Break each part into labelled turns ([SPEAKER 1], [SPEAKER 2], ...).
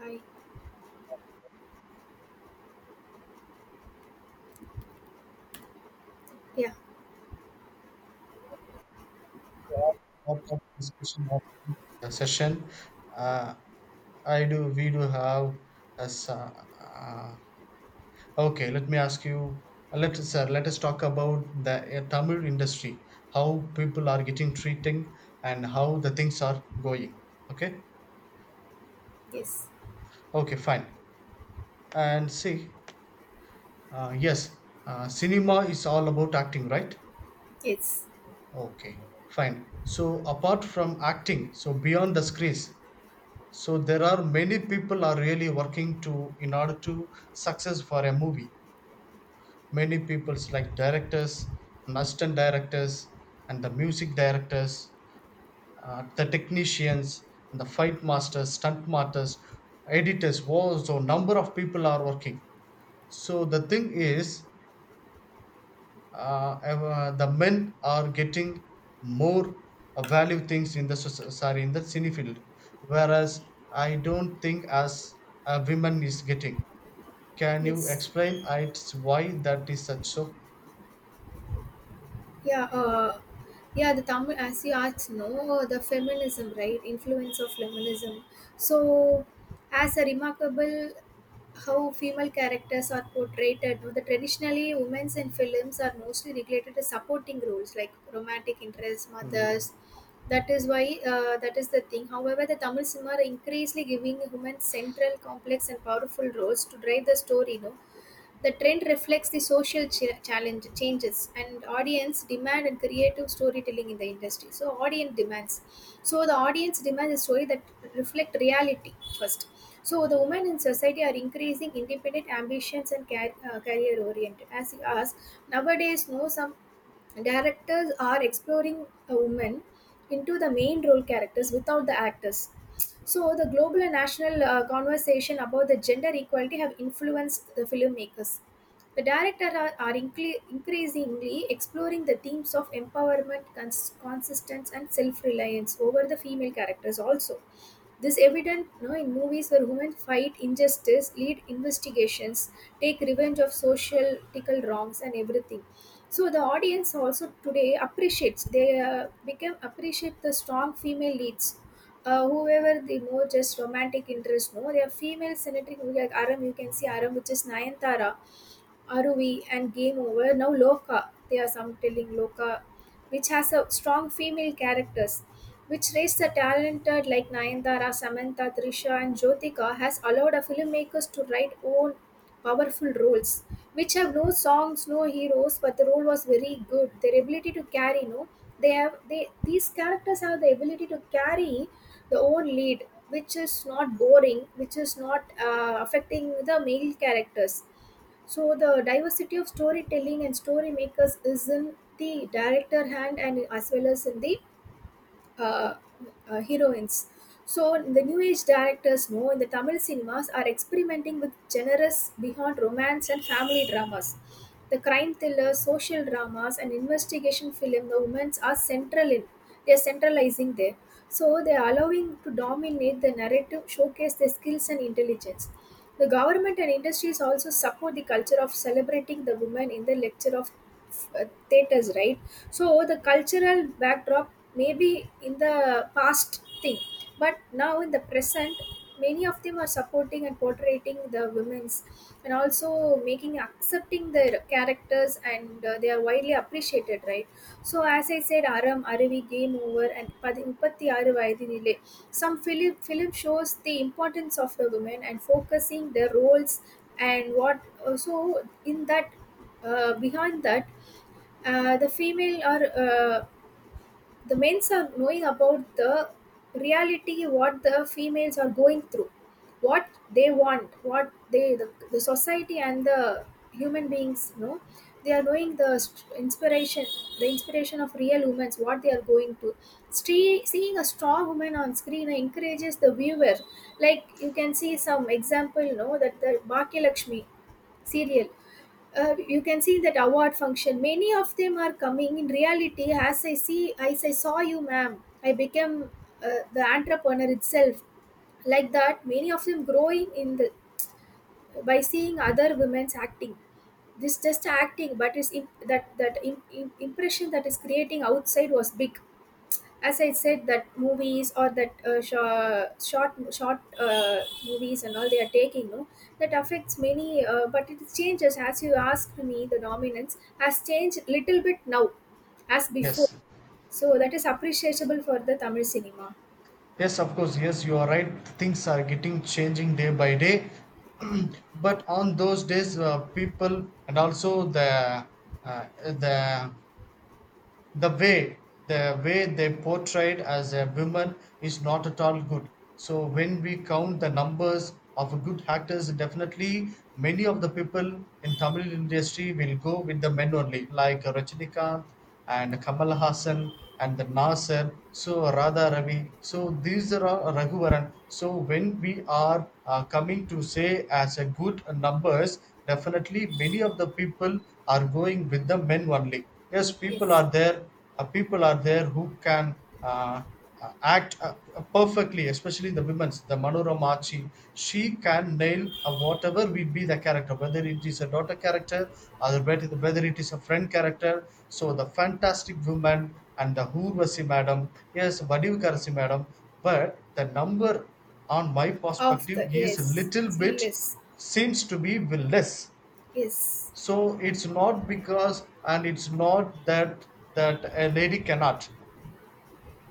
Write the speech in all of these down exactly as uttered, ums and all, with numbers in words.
[SPEAKER 1] Hi. Yeah.
[SPEAKER 2] Lot of discussion of the session. Uh, I do. We do have as uh, uh, okay. Let me ask you. uh, Let us uh, let us talk about the uh, Tamil industry, how people are getting treating, and how the things are going. Okay.
[SPEAKER 1] Yes.
[SPEAKER 2] Okay. Fine. And see. Uh, yes. Uh, cinema is all about acting, right?
[SPEAKER 1] Yes.
[SPEAKER 2] Okay. Fine. So apart from acting, so beyond the screens, so there are many people are really working to in order to success for a movie, many people's like directors and assistant directors and the music directors, uh, the technicians and the fight masters, stunt masters, editors was so number of people are working. So the thing is uh, ev- the men are getting more uh, value things in the soc- sorry in the cine field, whereas I don't think as a women is getting. Can you
[SPEAKER 1] Yes.
[SPEAKER 2] explain uh, it's why that is such so?
[SPEAKER 1] Yeah. Uh, yeah. The Tamil, as you asked, no, the feminism, right? Influence of feminism. So, as a remarkable how female characters are portrayed. No, The traditionally women's in films are mostly regulated to supporting roles like romantic interests,
[SPEAKER 2] Mm.
[SPEAKER 1] mothers. That is why uh, that is the thing. However, the Tamil cinema are increasingly giving women central, complex, and powerful roles to drive the story. No, the trend reflects the social ch- challenge changes and audience demand and creative storytelling in the industry. So audience demands. So the audience demands a story that reflect reality first. So the women in society are increasing independent ambitions and car- uh, career oriented. As you ask, nowadays, no some directors are exploring a woman into the main role characters without the actors. So the global and national uh, conversation about the gender equality have influenced the filmmakers. The directors are, are incre- increasingly exploring the themes of empowerment, cons- consistence, and self-reliance over the female characters also. This evident you know, in movies where women fight injustice, lead investigations, take revenge of social tickle wrongs and everything. So the audience also today appreciates they uh, become appreciate the strong female leads. Uh, whoever they know, just romantic interest, no, they are female senator who like Aram. You can see Aram, which is Nayantara R O V, and Game Over, now Loka, they are some telling Loka, which has a strong female characters, which raised the talented like Nayantara, Samantha, Trisha, and Jyotika, has allowed a filmmakers to write own powerful roles, which have no songs, no heroes, but the role was very good. Their ability to carry, no, they have they these characters have the ability to carry the own lead, which is not boring, which is not uh, affecting the male characters. So the diversity of storytelling and story makers is in the director hand and as well as in the uh, uh, heroines. So the new age directors know in the Tamil cinemas are experimenting with genres beyond romance and family dramas. The crime thrillers, social dramas, and investigation film, the women's are central in. They are centralizing there. So they are allowing to dominate the narrative, showcase their skills and intelligence. The government and industries also support the culture of celebrating the women in the lecture of uh, theaters, right? So the cultural backdrop may be in the past thing but now in the present many of them are supporting and portraying the women's and also making accepting their characters and uh, they are widely appreciated, right? So as I said, Aram, Aravi, Game Over, and Padi- Mupatti Aaru Vayathilile, some film film shows the importance of the women and focusing their roles and what uh, so in that uh, behind that uh, the female are uh, the men's are knowing about the reality what the females are going through, what they want, what they the, the society and the human beings know, they are knowing the st- inspiration, the inspiration of real women what they are going to. Stree- seeing a strong woman on screen encourages the viewer, like you can see some example, you know, that the Bhakya Lakshmi serial, uh, you can see that award function many of them are coming in reality. As I see, as I saw you, ma'am, I became uh, the entrepreneur itself, like that many of them growing in the by seeing other women's acting. This just acting, but is that, that im- im- impression that is creating outside was big. As I said, that movies or that uh, short, short, short uh, movies and all they are taking, no, that affects many. Uh, but it changes, as you asked me. The dominance has changed little bit now, as before.
[SPEAKER 2] Yes,
[SPEAKER 1] So that is appreciable for the Tamil cinema.
[SPEAKER 2] yes, of course, yes, you are right. Things are getting changing day by day, but on those days, uh, people and also the uh, the the way the way they portrayed as a woman is not at all good. So when we count the numbers of good actors, definitely many of the people in Tamil industry will go with the men only, like Rajinikanth and Kamal Hassan and the Nasir, so Radha Ravi, so these are all Raghuvaran. So when we are uh, coming to say as a good numbers, definitely many of the people are going with the men only. Yes, people
[SPEAKER 1] Yes,
[SPEAKER 2] are there, uh, people are there who can uh, uh, act uh, perfectly, especially the women's, the Manorama, she, she can nail uh, whatever will be the character, whether it is a daughter character or whether whether it is a friend character, so the fantastic woman, and the Urvasi madam, yes, Vadivukarasi madam. But the number on my
[SPEAKER 1] of
[SPEAKER 2] perspective
[SPEAKER 1] the
[SPEAKER 2] is a
[SPEAKER 1] yes,
[SPEAKER 2] little
[SPEAKER 1] it's
[SPEAKER 2] bit,
[SPEAKER 1] less.
[SPEAKER 2] seems to be less.
[SPEAKER 1] Yes,
[SPEAKER 2] So it's not because, and it's not that that a lady cannot.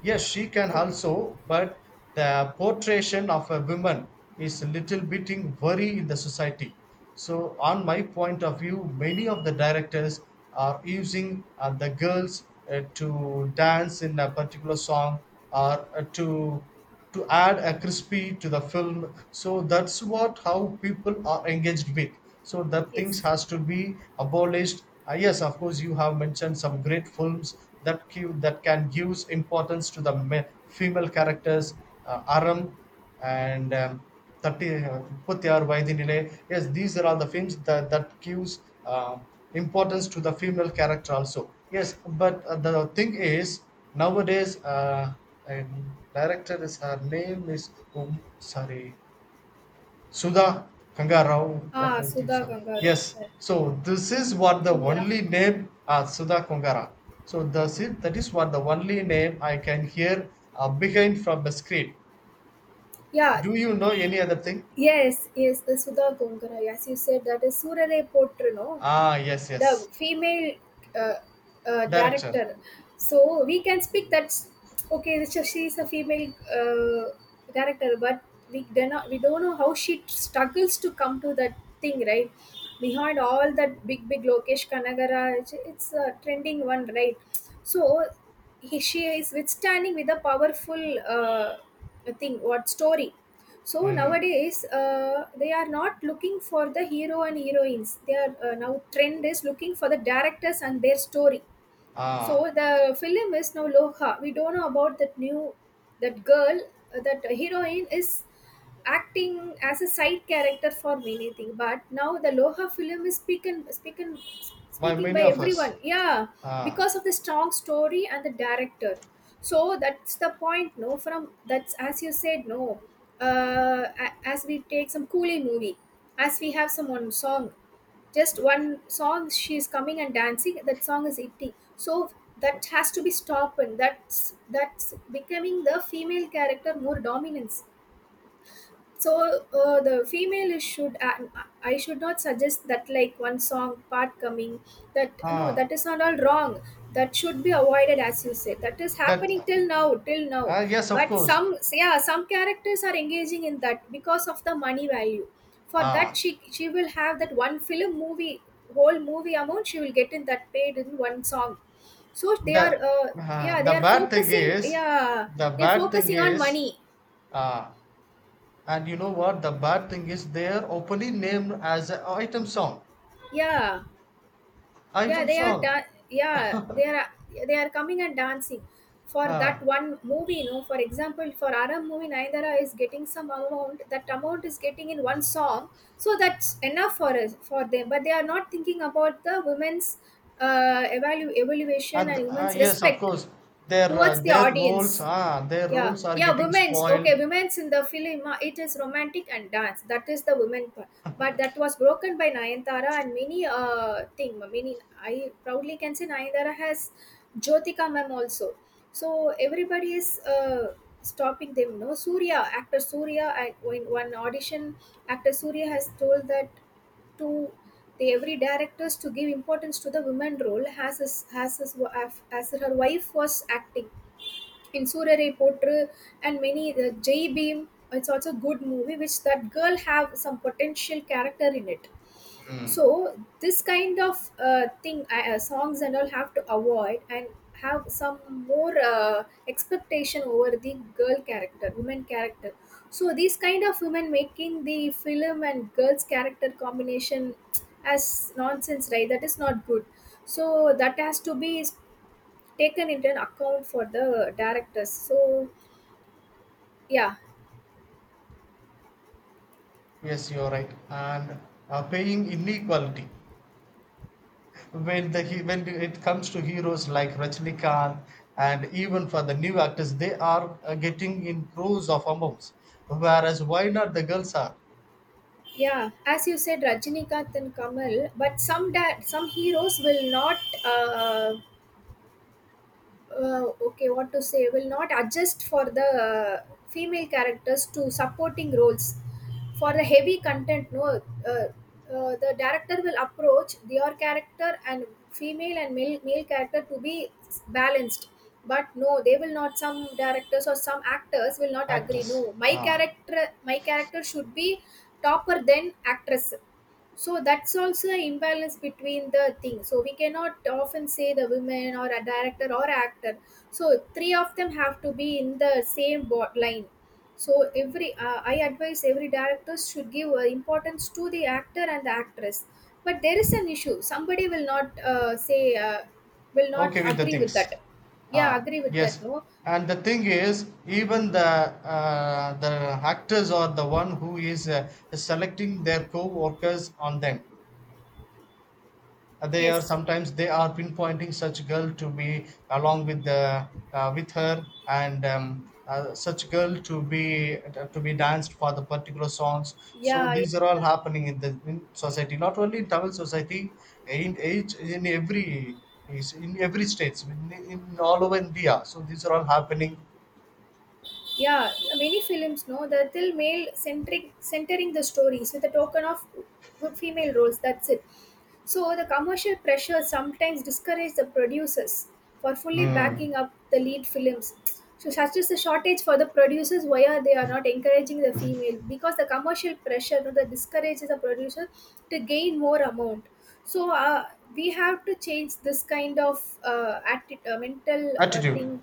[SPEAKER 2] Yes, she can
[SPEAKER 1] yeah,
[SPEAKER 2] also, but the portrayal of a woman is a little bit in worry in the society. So, on my point of view, many of the directors are using uh, the girls uh, to dance in a particular song or uh, to to add a crispy to the film, so that's what how people are engaged with. So that
[SPEAKER 1] yes.
[SPEAKER 2] things has to be abolished. Ah, yes, of course, you have mentioned some great films that give that can gives importance to the ma- female characters, uh, Aram and um, Thirty தட்டி முப்பத்தி ஆறு வயதினிலே. Yes, these are all the films that that gives uh, importance to the female character also. Yes. But uh, the thing is nowadays, uh, and director, is her name is um, sorry, Sudha Kangarao, what
[SPEAKER 1] Ah,
[SPEAKER 2] I think
[SPEAKER 1] Sudha
[SPEAKER 2] so.
[SPEAKER 1] Gangaru,
[SPEAKER 2] Yes.
[SPEAKER 1] uh,
[SPEAKER 2] So this is what the only name, uh, Sudha Kangara. So that's it, that is what the only name I can hear uh, behind from the screen.
[SPEAKER 1] yeah,
[SPEAKER 2] Do you know any other thing?
[SPEAKER 1] yes, yes. The Sudha Gungara. As you said, that is Surare Potru, no.
[SPEAKER 2] Ah, yes,
[SPEAKER 1] The
[SPEAKER 2] yes.
[SPEAKER 1] female uh, uh,
[SPEAKER 2] Director.
[SPEAKER 1] director, so we can speak that. Okay, so she is a female uh, director, but we do not, we don't know how she struggles to come to that thing, right? Behind all that, big big Lokesh Kanagara, it's, it's a trending one, right? So he, she is withstanding with a powerful uh, thing, what story. So
[SPEAKER 2] Hmm.
[SPEAKER 1] nowadays uh, they are not looking for the hero and heroines. They are, uh, now trend is looking for the directors and their story.
[SPEAKER 2] Ah,
[SPEAKER 1] So the film is now Loha. We don't know about that new, that girl, uh, that heroine is acting as a side character for many things. But now the Loha film is speaking speaking
[SPEAKER 2] by
[SPEAKER 1] speaking
[SPEAKER 2] many
[SPEAKER 1] by
[SPEAKER 2] of us.
[SPEAKER 1] everyone. Yeah,
[SPEAKER 2] Ah,
[SPEAKER 1] because of the strong story and the director. So that's the point. No, from that's as you said. No, uh, a- as we take some coolie movie, as we have some one song, just one song she is coming and dancing, that song is hitting. So that has to be stopped, and that's that's becoming the female character more dominance. So uh, the female is should, and I should not suggest that like one song part coming, that no,
[SPEAKER 2] ah,
[SPEAKER 1] that is not all wrong, that should be avoided. As you said, that is
[SPEAKER 2] that.
[SPEAKER 1] happening till now till now.
[SPEAKER 2] Ah, yes, of
[SPEAKER 1] But
[SPEAKER 2] course.
[SPEAKER 1] some, yeah, some characters are engaging in that because of the money value. For that,
[SPEAKER 2] Ah,
[SPEAKER 1] she she will have that one film movie, whole movie amount she will get in that, paid in one song. So they
[SPEAKER 2] the,
[SPEAKER 1] are uh,
[SPEAKER 2] ah,
[SPEAKER 1] yeah, they
[SPEAKER 2] the
[SPEAKER 1] are
[SPEAKER 2] bad thing
[SPEAKER 1] focusing,
[SPEAKER 2] is,
[SPEAKER 1] yeah,
[SPEAKER 2] the
[SPEAKER 1] they are
[SPEAKER 2] bad thing
[SPEAKER 1] focusing on
[SPEAKER 2] is,
[SPEAKER 1] money.
[SPEAKER 2] ah, and you know what? The bad thing is they are openly named as a item song.
[SPEAKER 1] Yeah, yeah
[SPEAKER 2] Item
[SPEAKER 1] they are
[SPEAKER 2] song.
[SPEAKER 1] da- yeah they are, they are coming and dancing. For
[SPEAKER 2] Ah,
[SPEAKER 1] that one movie, you know, for example, for Aram movie Nayanara is getting some amount, that amount is getting in one song. So that's enough for us, for them, but they are not thinking about the women's uh, evalu- evaluation
[SPEAKER 2] and
[SPEAKER 1] and
[SPEAKER 2] ah,
[SPEAKER 1] women's
[SPEAKER 2] yes, of
[SPEAKER 1] respect
[SPEAKER 2] course. Their uh,
[SPEAKER 1] towards the
[SPEAKER 2] their roles.
[SPEAKER 1] audience.
[SPEAKER 2] Ah, their
[SPEAKER 1] Yeah,
[SPEAKER 2] roles are
[SPEAKER 1] yeah,
[SPEAKER 2] getting
[SPEAKER 1] women's,
[SPEAKER 2] spoiled.
[SPEAKER 1] okay, women's in the film, uh, it is romantic and dance, that is the women part. But that was broken by Nayanthara and many uh thing, many, I proudly can say Nayanthara has, Jyotika ma'am also. So everybody is uh stopping them, no, Surya, actor Surya I, in one audition, actor Surya has told that to the every directors to give importance to the women role as his, as his, wa- as her wife was acting in Surare Potru. And many, the J Beam. It's also a good movie which that girl have some potential character in it.
[SPEAKER 2] Hmm.
[SPEAKER 1] So this kind of uh, thing, uh, uh, songs and all have to avoid and have some more uh, expectation over the girl character, woman character. So these kind of women making the film and girls character combination as nonsense, right? That is not good. So that has to be taken into an account for the directors. So yeah,
[SPEAKER 2] Yes, you're right. And uh, paying inequality when the he- when it comes to heroes like Rajnikant, and even for the new actors, they are uh, getting in crores of amounts. Whereas why not the girls are
[SPEAKER 1] yeah. As you said, Rajinikanth and Kamal, but some da- some heroes will not uh, uh, okay, what to say, will not adjust for the uh, female characters to supporting roles for the heavy content, no uh, uh, the director will approach their character and female and male, male character to be balanced. But no, they will not, some directors or some actors will not agree, no,
[SPEAKER 2] actors?
[SPEAKER 1] my
[SPEAKER 2] Ah,
[SPEAKER 1] character my character should be topper than actress. So that's also an imbalance between the things. So we cannot often say the women or a director or actor, so three of them have to be in the same bo- line. So every uh, I advise every director should give uh, importance to the actor and the actress. But there is an issue, somebody will not uh, say uh, will not
[SPEAKER 2] okay with the
[SPEAKER 1] agree with
[SPEAKER 2] things.
[SPEAKER 1] that. Yeah,
[SPEAKER 2] Ah,
[SPEAKER 1] agree with that,
[SPEAKER 2] yes.
[SPEAKER 1] no.
[SPEAKER 2] And the thing is, even the uh, the actors are the one who is uh, selecting their co-workers on them. Uh, they are
[SPEAKER 1] Yes,
[SPEAKER 2] sometimes they are pinpointing such girl to be along with the uh, with her, and um, uh, such girl to be uh, to be danced for the particular songs. So
[SPEAKER 1] yeah, yeah,
[SPEAKER 2] these are all
[SPEAKER 1] yeah.
[SPEAKER 2] happening in the in society, not only in Tamil society, in each in every, is in every states, in, in all over India, so these are all happening.
[SPEAKER 1] Yeah, many films know, they're still male centric, centering the stories with a token of good female roles, that's it. So the commercial pressure sometimes discourages the producers for fully backing
[SPEAKER 2] Mm,
[SPEAKER 1] up the lead films. So such is the shortage for the producers, why are they are not encouraging the female, because the commercial pressure, you know, that discourages the producer to gain more amount. So uh, we have to change this kind of uh, atti- uh, mental uh,
[SPEAKER 2] attitude.
[SPEAKER 1] thing.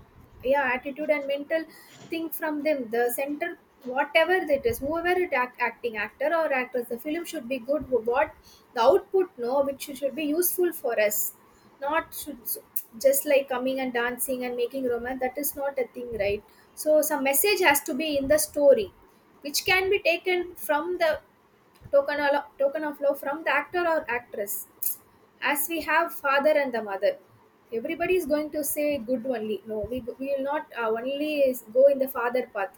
[SPEAKER 1] Yeah, attitude and mental thing from them, the center, whatever it is, whoever it act, acting actor or actress, the film should be good. What the output, no, which should be useful for us, not should, just like coming and dancing and making romance, that is not a thing, right? So some message has to be in the story, which can be taken from the token, of token of love from the actor or actress. As we have father and the mother, everybody is going to say good only, no, we, we will not uh, only is go in the father path.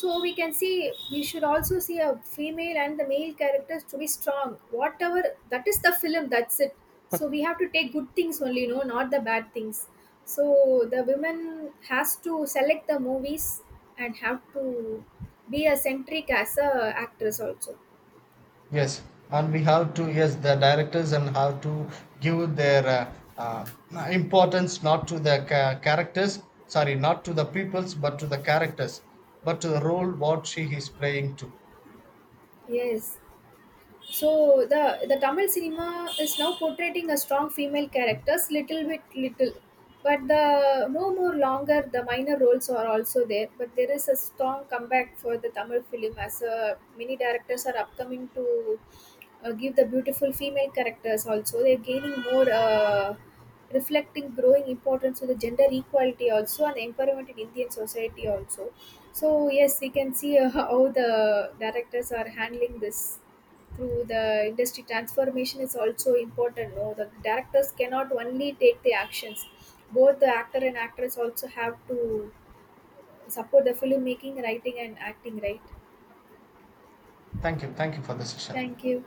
[SPEAKER 1] So we can see, we should also see a female and the male characters to be strong, whatever that is the film, that's it. So we have to take good things only, no, not the bad things. So the women has to select the movies and have to be a centric as a actress also.
[SPEAKER 2] Yes, and we have to, yes, the directors and how to give their uh, uh, importance not to the ca- characters, sorry, not to the peoples, but to the characters, but to the role what she is playing to.
[SPEAKER 1] Yes. So the the Tamil cinema is now portraying a strong female characters, little bit little, but the no more longer the minor roles are also there. But there is a strong comeback for the Tamil film, as uh, many directors are upcoming to uh, give the beautiful female characters also. They're gaining more uh, reflecting growing importance to the gender equality also and empowerment in Indian society also. So yes, we can see uh, how the directors are handling this through the industry. Transformation is also important, no, the directors cannot only take the actions, both the actor and actress also have to support the film making, writing and acting, right?
[SPEAKER 2] Thank you, thank you for the session.
[SPEAKER 1] Thank you.